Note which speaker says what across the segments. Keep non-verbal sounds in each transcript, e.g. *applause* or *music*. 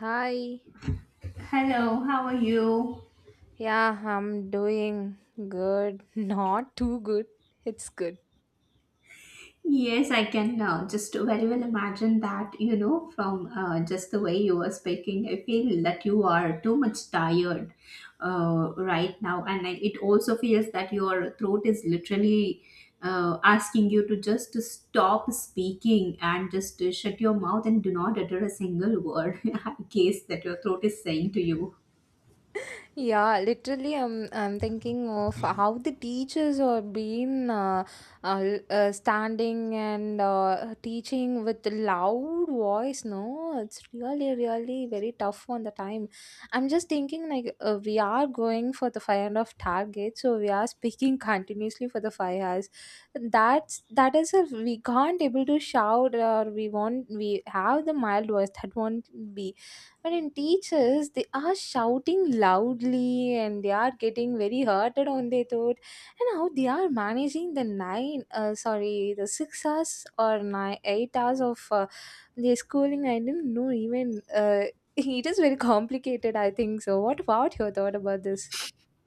Speaker 1: Hi.
Speaker 2: Hello, how are you?
Speaker 1: Yeah, I'm doing good. *laughs* Not too good. It's good.
Speaker 2: Yes, I can just very well imagine that, you know, from just the way you were speaking. I feel that you are too much tired right now. And I, it also feels that your throat is literally asking you to just to stop speaking and just to shut your mouth and do not utter a single word. *laughs* I guess that your throat is saying to you.
Speaker 1: Yeah, literally, I'm thinking of how the teachers are being standing and teaching with the loud voice. No, it's really, really very tough on the time. I'm just thinking like we are going for the five and of target, so we are *laughs* speaking continuously for the 5 hours. That is if we can't able to shout or we want we have the mild voice that won't be. But in teachers they are shouting loudly and they are getting very hurted on their throat, and how they are managing the nine sorry, the 6 hours or 9 8 hours of their schooling, I didn't know even. uh, *laughs* it is very complicated, I think. So what about your thought about this?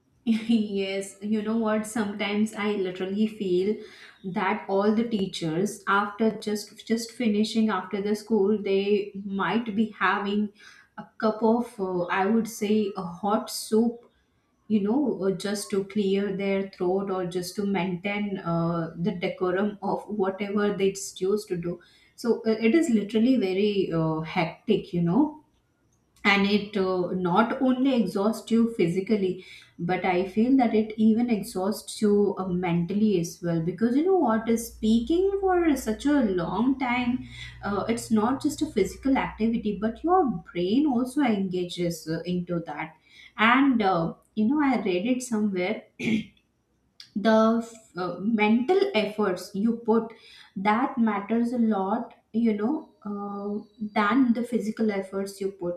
Speaker 2: *laughs* Yes, you know what? Sometimes I literally feel that all the teachers after just finishing after the school, they might be having a cup of I would say a hot soup, you know, just to clear their throat or just to maintain the decorum of whatever they choose to do. So it is literally very hectic, you know, and it not only exhausts you physically, but I feel that it even exhausts you mentally as well, because you know what, is speaking for such a long time, it's not just a physical activity, but your brain also engages into that. And you know, I read it somewhere, the mental efforts you put, that matters a lot, you know, than the physical efforts you put,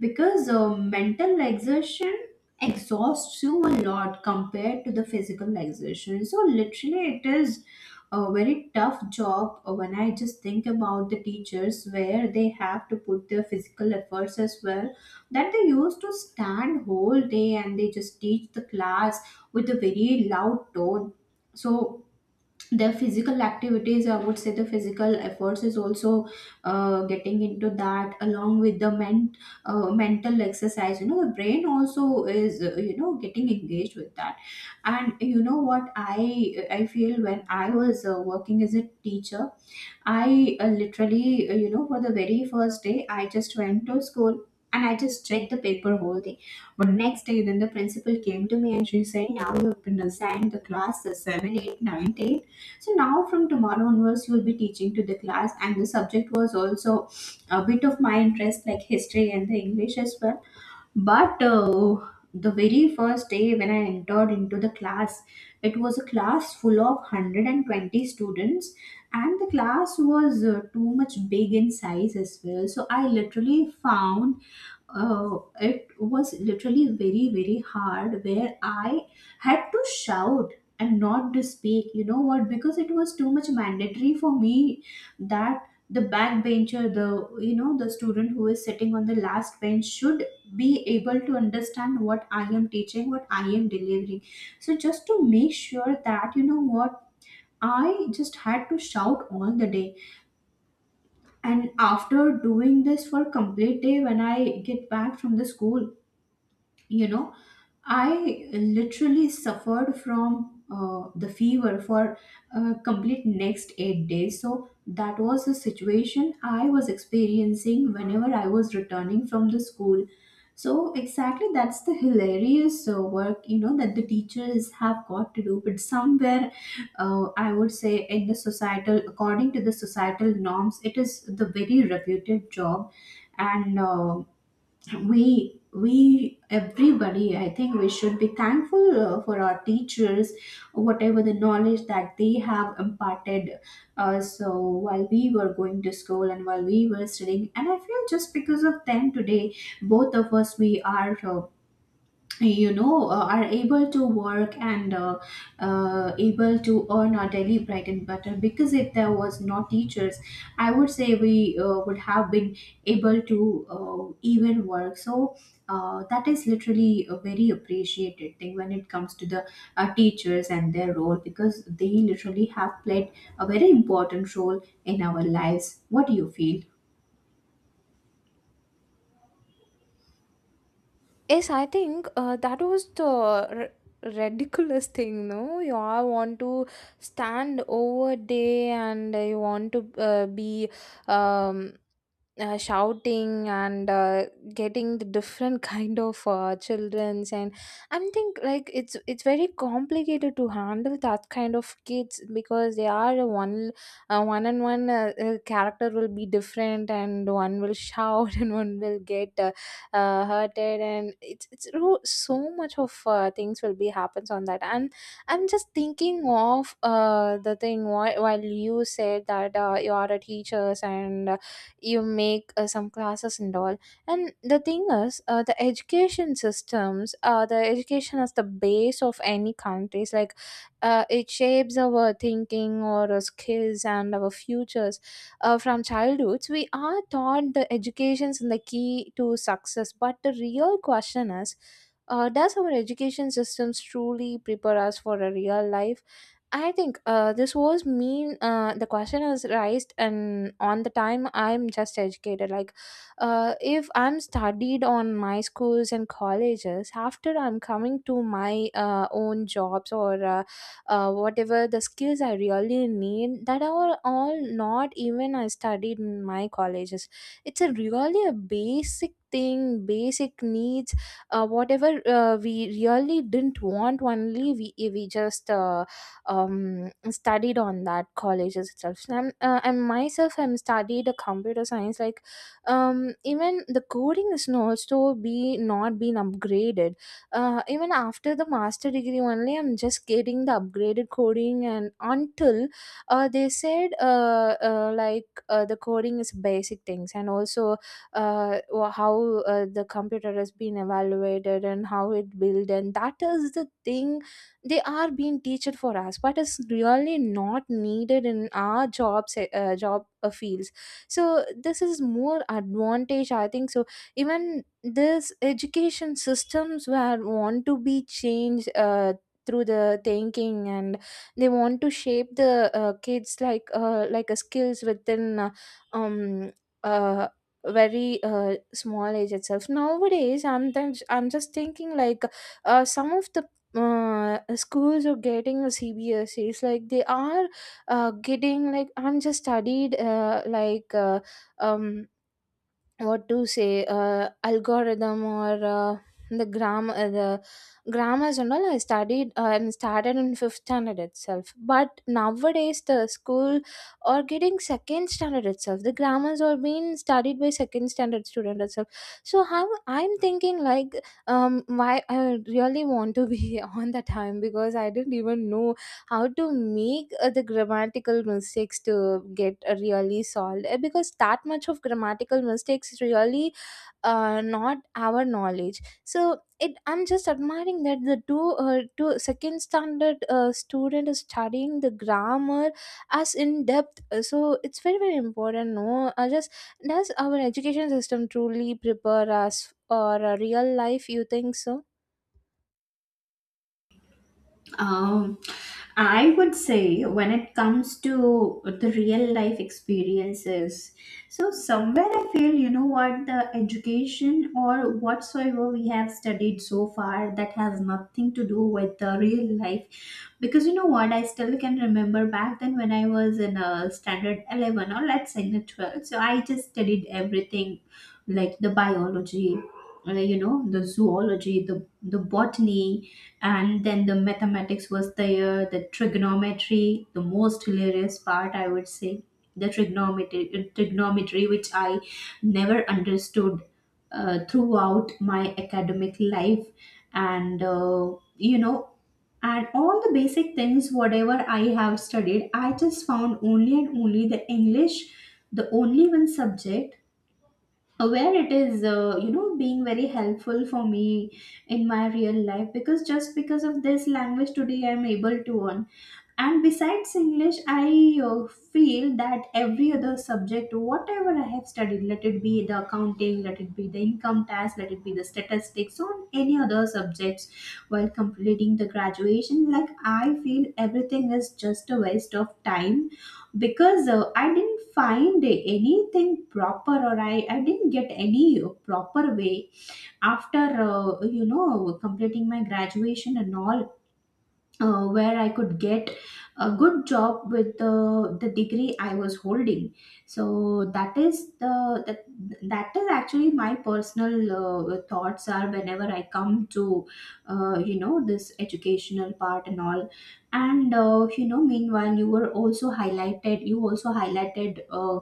Speaker 2: because mental exertion exhausts you a lot compared to the physical exertion. So literally it is a very tough job when I just think about the teachers, where they have to put their physical efforts as well, that they used to stand whole day and they just teach the class with a very loud tone. So their physical activities, I would say the physical efforts, is also getting into that along with the mental exercise, you know, the brain also is you know, getting engaged with that. And you know what, I feel when I was working as a teacher, I literally, you know, for the very first day, I just went to school and I just checked the paper whole day. But next day, then the principal came to me and she said, now you have been assigned the class 7, 8, 9, 10. So now from tomorrow onwards, you will be teaching to the class. And the subject was also a bit of my interest, like history and the English as well, but the very first day when I entered into the class, it was a class full of 120 students, and the class was too much big in size as well. So I literally found it was literally very very hard, where I had to shout and not to speak, you know what, because it was too much mandatory for me that the backbencher, the, you know, the student who is sitting on the last bench should be able to understand what I am teaching, what I am delivering. So just to make sure that, you know what, I just had to shout all the day. And after doing this for complete day, when I get back from the school, you know, I literally suffered from the fever for complete next 8 days. So that was the situation I was experiencing whenever I was returning from the school. So exactly, that's the hilarious work, you know, that the teachers have got to do. But somewhere I would say in the societal, according to the societal norms, it is the very reputed job. And we everybody, I think we should be thankful for our teachers, whatever the knowledge that they have imparted, so while we were going to school and while we were studying. And I feel just because of them today both of us, we are you know are able to work and able to earn our daily bread and butter. Because if there was no teachers, I would say we would have been able to even work. So that is literally a very appreciated thing when it comes to the teachers and their role, because they literally have played a very important role in our lives. What do you feel?
Speaker 1: Yes, I think that was the ridiculous thing, no? You all want to stand over day and you want to be um, shouting and getting the different *laughs* kind of childrens. And I think like it's very complicated to handle that kind of kids because they are a one one and one character will be different, and one will shout *laughs* and one will get hurted, and it's so much of things will be happens on that. And I'm just thinking of the thing, while you said that you are a teachers and you make some classes and all. And the thing is, the education systems, the education is the base of any countries, like it shapes our thinking or our skills and our futures. From childhoods, we are taught the education's in the key to success. But the real question is, does our education systems truly prepare us for a real life? I think this was mean. The question was raised, and on the time I'm just educated. Like, if I'm studied on my schools and colleges, after I'm coming to my own jobs or whatever the skills I really need, that are all not even I studied in my colleges. It's a really a basic thing, basic needs, whatever we really didn't want, only we just studied on that colleges itself. So I'm, and myself I'm studied a computer science, like even the coding is not so be not been upgraded, even after the master degree only I'm just getting the upgraded coding. And until they said like the coding is basic things, and also how the computer has been evaluated and how it built, and that is the thing they are being teached for us. But it's really not needed in our job fields. So this is more advantage, I think. So even this education systems were want to be changed through the thinking, and they want to shape the kids like a skills within um uh very small age itself nowadays. I'm then I'm just thinking like some of the schools are getting a cbse's, like they are getting, like I'm just studied like um what to say, algorithm or the grammars and all I studied and started in fifth standard itself. But nowadays the school are getting second standard itself, the grammars are being studied by second standard student itself. So how I'm thinking like, why I really want to be *laughs* on the time, because I didn't even know how to make the grammatical mistakes to get really solved. Because that much of grammatical mistakes is really not our knowledge. So it I'm just admiring that the two second standard student is studying the grammar as in depth. So it's very very important, no? Just, does our education system truly prepare us for a real life? You think so?
Speaker 2: Um, I would say when it comes to the real life experiences, so somewhere I feel, you know what, the education or whatsoever we have studied so far, that has nothing to do with the real life. Because you know what, I still can remember back then when I was in a standard 11, or let's say in a 12. So I just studied everything like the biology, you know, the zoology, the botany, and then the mathematics was there, the trigonometry, the most hilarious part, I would say the trigonometry which I never understood throughout my academic life. And you know, and all the basic things, whatever I have studied, I just found only and only the English, the only one subject where it is you know, being very helpful for me in my real life, because just because of this language today I'm able to earn. And besides English, I feel that every other subject, whatever I have studied, let it be the accounting, let it be the income tax, let it be the statistics, or any other subjects while completing the graduation, like I feel everything is just a waste of time. Because I didn't find anything proper, or I didn't get any proper way after you know, completing my graduation and all, where I could get a good job with the degree I was holding. So that is the that, that is actually my personal thoughts are whenever I come to you know, this educational part and all. And you know, meanwhile, you were also highlighted. You also highlighted. Uh,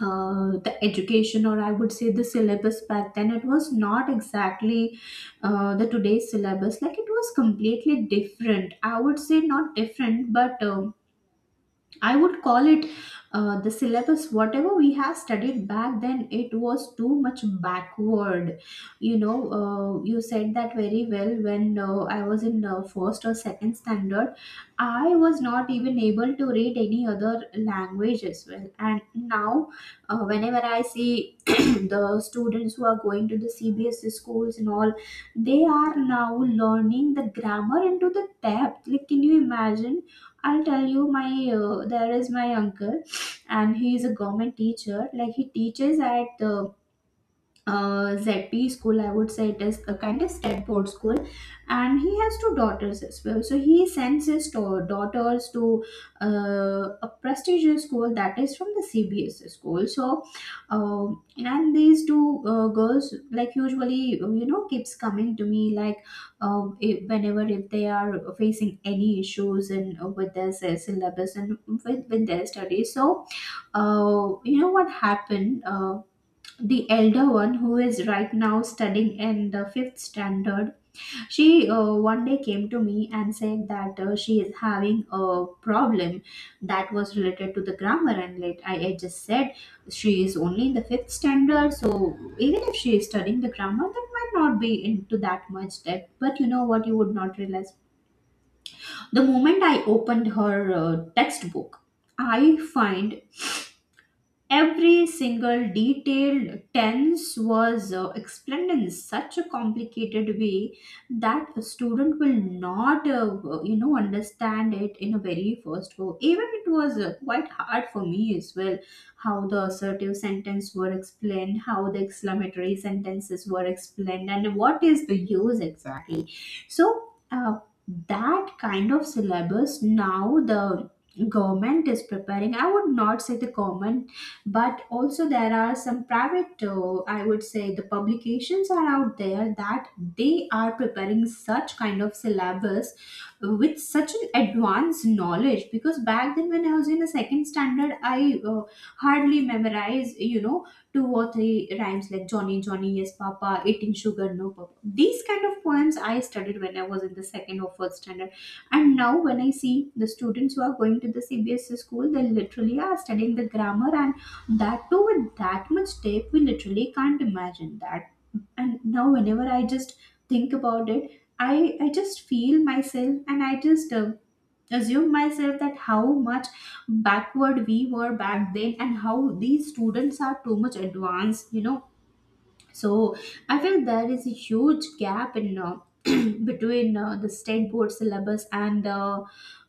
Speaker 2: uh, The education, or I would say the syllabus back then, it was not exactly the today's syllabus. Like, it was completely different, I would say, not different, but I would call it the syllabus, whatever we have studied back then, it was too much backward. You know, you said that very well. When I was in first or second standard, I was not even able to read any other language as well. And now, whenever I see *clears throat* the students who are going to the CBSE schools and all, they are now learning the grammar into the depth. Like, can you imagine? I'll tell you, my there is my uncle, and he is a government teacher. Like, he teaches at the ZP school, I would say it is a kind of state board school, and he has two daughters as well. So he sends his daughters to a prestigious school that is from the CBSE school. So and these two girls, like usually, you know, keeps coming to me like if, whenever if they are facing any issues in with their syllabus and with their studies. So you know what happened? The elder one who is right now studying in the fifth standard, she one day came to me and said that she is having a problem that was related to the grammar. And like I just said, she is only in the fifth standard, so even if she is studying the grammar, that might not be into that much depth. But you know what, you would not realize, the moment I opened her textbook, I find every single detailed tense was explained in such a complicated way that a student will not, you know, understand it in a very first go. Even it was quite hard for me as well, how the assertive sentence were explained, how the exclamatory sentences were explained, and what is the use exactly. So that kind of syllabus now the government is preparing. I would not say the government, but also there are some private, I would say, the publications are out there that they are preparing such kind of syllabus with such an advanced knowledge. Because back then when I was in the second standard, I hardly memorized, you know, two or three rhymes like Johnny Johnny yes papa, eating sugar no papa. These kind of poems I studied when I was in the second or first standard. And now when I see the students who are going to the CBSE school, they literally are studying the grammar, and that too with that much tape, we literally can't imagine that. And now whenever I just think about it, I just feel myself, and I just assume myself that how much backward we were back then, and how these students are too much advanced, you know. So I feel there is a huge gap in *clears throat* between the state board syllabus and uh,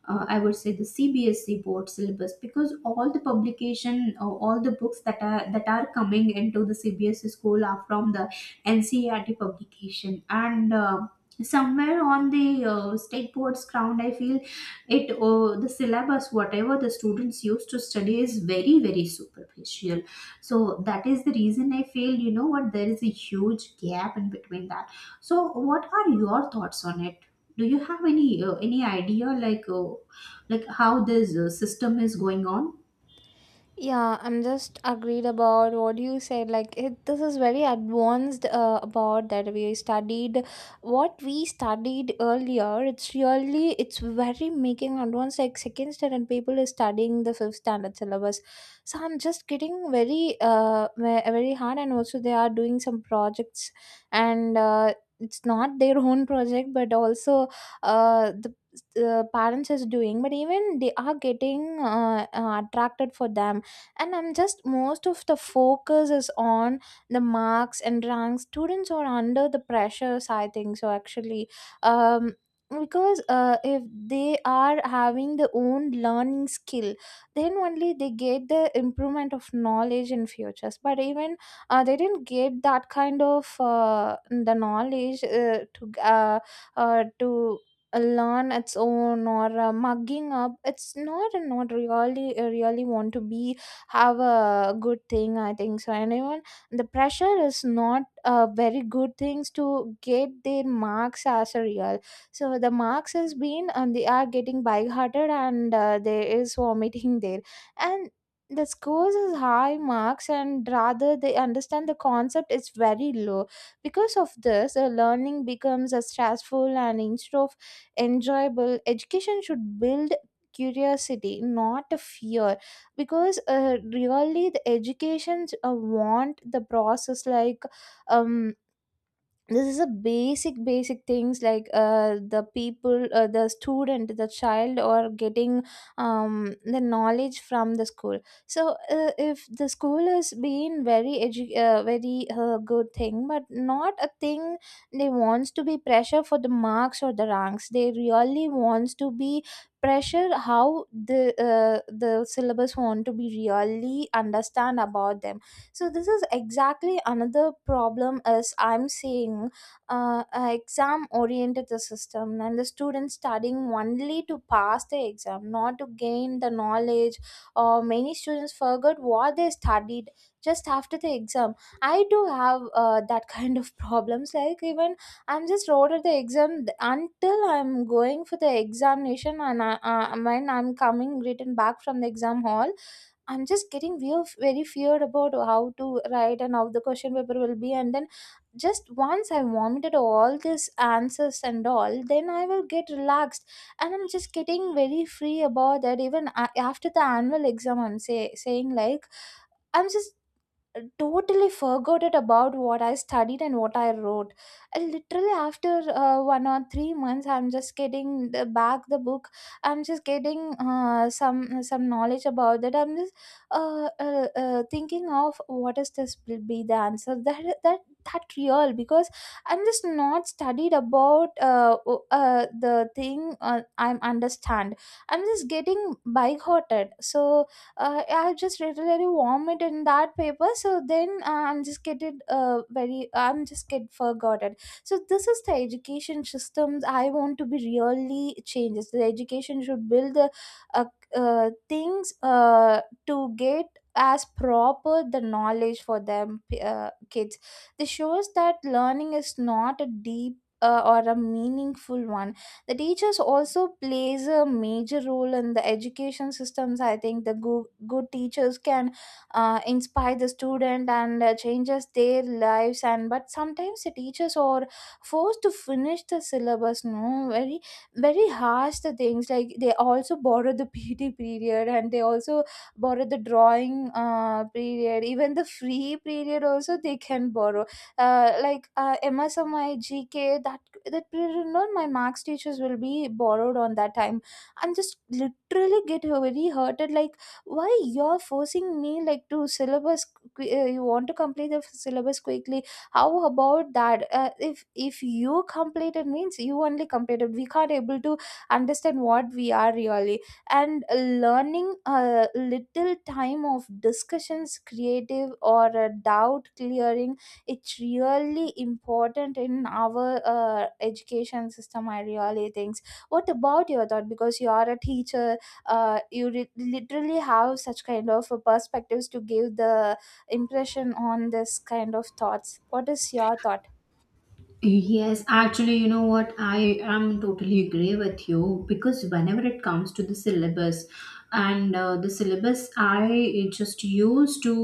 Speaker 2: uh, I would say the CBSE board syllabus, because all the publication, all the books that are coming into the CBSE school are from the NCERT publication. And. Somewhere on the state board's ground, I feel it, the syllabus whatever the students used to study is very very superficial. So that is the reason I feel, you know what, there is a huge gap in between that. So what are your thoughts on it? Do you have any idea like, like how this system is going on?
Speaker 1: Yeah, I'm just agreed about what you said. Like, it, this is very advanced about that we studied. What we studied earlier, it's really it's very making advanced. Like second standard people is studying the fifth standard syllabus, so I'm just getting very very hard. And also they are doing some projects, and it's not their own project, but also uh the. The parents is doing. But even they are getting attracted for them. And I'm just most of the focus is on the marks and ranks, students are under the pressures, I think so actually. um because if they are having the own learning skill, then only they get the improvement of knowledge in futures. But even they didn't get that kind of the knowledge to learn its own, or mugging up, it's not really really want to be have a good thing, I think so. And even the pressure is not very good things to get their marks as a real. So the marks has been, and they are getting big-hearted, and there is vomiting there. And the scores is high marks, and rather they understand the concept is very low. Because of this the learning becomes a stressful, and instead of enjoyable, education should build curiosity, not a fear. Because really the educations want the process like, um this is a basic basic things, like the student, the child or getting the knowledge from the school. So if the school has been very good thing, but not a thing. They wants to be pressure for the marks or the ranks, they really wants to be pressure. How the syllabus want to be really understand about them. So this is exactly another problem as I'm seeing. Exam oriented, the system, and the students studying only to pass the exam, not to gain the knowledge. Or many students forgot what they studied just after the exam. I do have that *laughs* kind of problems, like even I'm just wrote at the exam, until I'm going for the examination. And I, when I'm coming written back from the exam hall, I'm just getting real, very feared about how to write and how the question paper will be. And then just once I vomited all these answers and all, then I will get relaxed. And I'm just getting very free about that. Even after the annual exam, I'm saying like, I'm just totally forgot it about what I studied and what I wrote. I literally, after 1 or 3 months, I'm just getting the, back the book. I'm just getting some knowledge about that. I'm just thinking of what is this will be the answer, that real. Because I'm just not studied about the thing, I'm understand. I'm just getting big hearted. So I just literally vomit in that paper. So then I'm just getting very I'm just get forgotten. So this is the education systems I want to be really changes. The education should build the uh, things to get as proper the knowledge for them kids. This shows that learning is not a deep or a meaningful one. The teachers also plays a major role in the education systems, I think. The good, good teachers can inspire the student and changes their lives. And but sometimes the teachers are forced to finish the syllabus, no, very very harsh the things, like they also borrow the *laughs* pt period, and they also borrow the drawing period, even the free period also they can borrow. Like M S or my GK, that that period, you know, my marks teachers will be borrowed on that time. And just literally get very hurted. Like, why you're forcing me like to syllabus? You want to complete the syllabus quickly? How about that? If you completed means you only completed. We can't able to understand what we are really. And learning a little time of discussions creative or a doubt clearing, it's really important in our education system, I really think. What about your thought? Because you are a teacher, you literally have such kind of perspectives to give the impression on this kind of thoughts. What is your thought?
Speaker 2: Yes, actually, you know what? I am totally agree with you, because whenever it comes to the syllabus, and the syllabus, I just used to,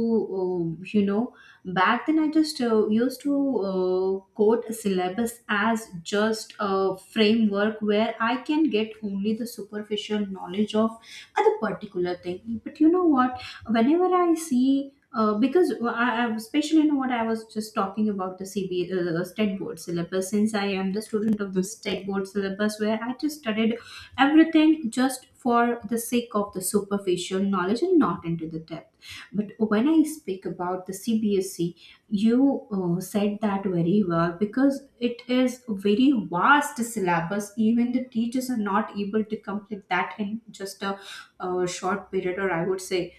Speaker 2: you know, back then I just used to quote a syllabus as just a framework where I can get only the superficial knowledge of a particular thing. But you know what? Whenever I see, because I especially in what I was just talking about the CB state board syllabus, since I am the student of the state board syllabus, where I just studied everything just for the sake of the superficial knowledge and not into the depth. But when I speak about the CBSE, you said that very well, because it is a very vast syllabus. Even the teachers are not able to complete that in just a, short period, or I would say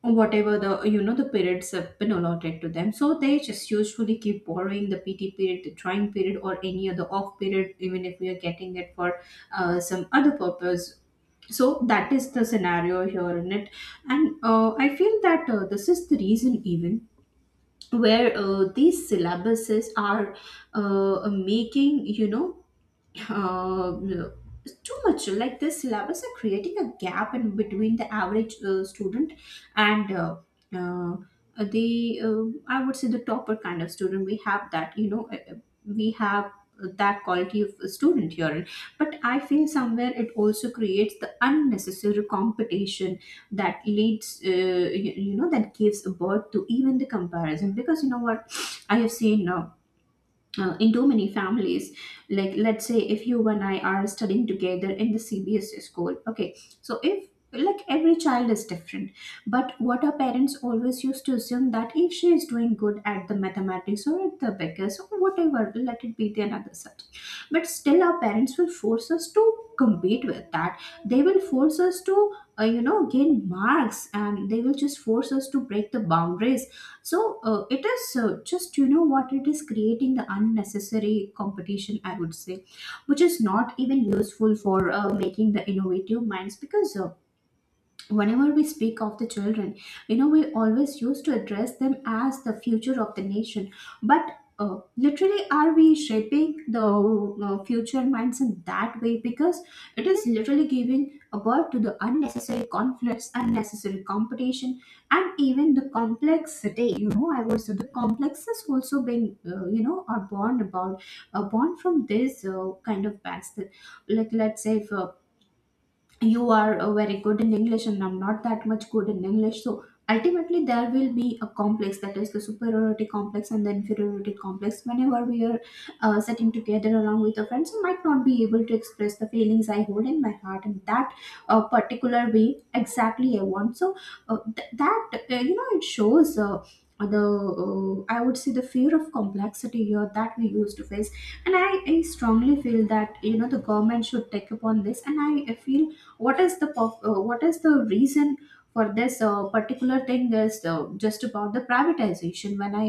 Speaker 2: whatever the, you know, the periods have been allotted to them, so they just usually keep borrowing the pt period, the trying period, or any other off period, even if we are getting it for some other purpose. So that is the scenario here in it. And I feel that this is the reason, even where these syllabuses are making, you know, uh, it's too much. Like the syllabus are creating a gap in between the average student and uh, the I would say the topper kind of student, we have that, you know, we have that quality of student here. But I feel somewhere it also creates the unnecessary competition that leads, you know, that gives birth to even the comparison. Because you know what, I have seen now, in too many families, like let's say if you and I are studying together in the CBSE school, okay, so if, like every child is different, but what our parents always used to assume that if she is doing good at the mathematics or at the beggars or whatever, let it be the another subject, but still our parents will force us to compete with that. They will force us to you know, gain marks, and they will just force us to break the boundaries. So it is, just you know what, it is creating the unnecessary competition, I would say, which is not even useful for making the innovative minds. Because whenever we speak of the children, you know, we always used to address them as the future of the nation. But literally, are we shaping the future minds in that way? Because it is literally giving a birth to the unnecessary conflicts, unnecessary competition, and even the complexity, you know, I would say the complexes also being, you know, are born about, born from this kind of backslid. Like let's say if you are very good in english and I'm not that much good in english, so ultimately there will be a complex, that is the superiority complex and the inferiority complex. Whenever we are sitting together along with our friends, I might not be able to express the feelings I hold in my heart in that particular way exactly I want. So th- that you know, it shows, the I would say the fear of complexity here that we used to face. And I strongly feel that, you know, the government should take upon this, and I feel what is the what is the reason for this particular thing is just about the privatization. When I,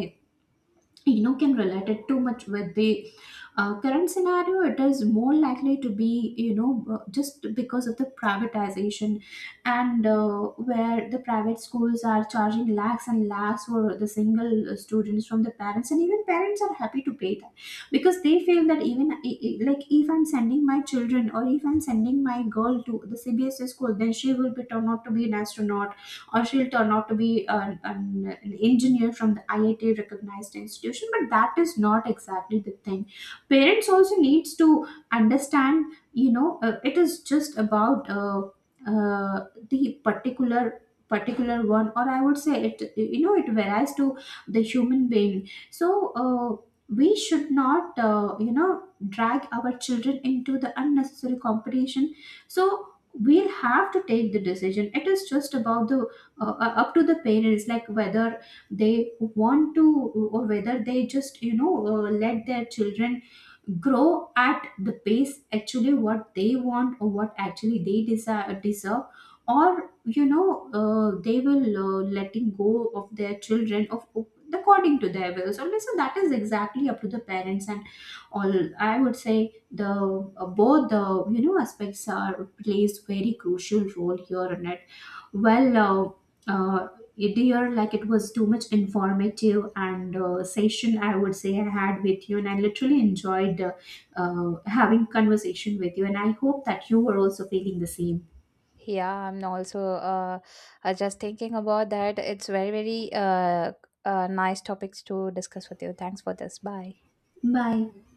Speaker 2: you know, can relate it too much with the current scenario, it is more likely to be, you know, just because of the privatization. And where the private schools are charging lakhs and lakhs for the single students from the parents, and even parents are happy to pay that. Because they feel that, even like if I'm sending my children or if I'm sending my girl to the CBSE school, then she will be turned out to be an astronaut, or she'll turn out to be an engineer from the IIT recognized institution. But that is not exactly the thing. Parents also needs to understand, you know, it is just about the particular, particular one, or I would say, it, you know, it varies to the human being. So we should not, you know, drag our children into the unnecessary competition. So we'll have to take the decision. It is just about the up to the parents, like whether they want to, or whether they just, you know, let their children grow at the pace actually what they want or what actually they desire, deserve, or you know, they will letting go of their children of according to their wills only. So that is exactly up to the parents. And all, I would say, the both the, you know, aspects are plays very crucial role here in it. Well, uh, dear, like it was too much informative and session, I would say, I had with you, and I literally enjoyed having conversation with you, and I hope that you were also feeling the same.
Speaker 1: Yeah, I'm also uh, just thinking about that. It's very, very uh, nice topics to discuss with you. Thanks for this. Bye.
Speaker 2: Bye.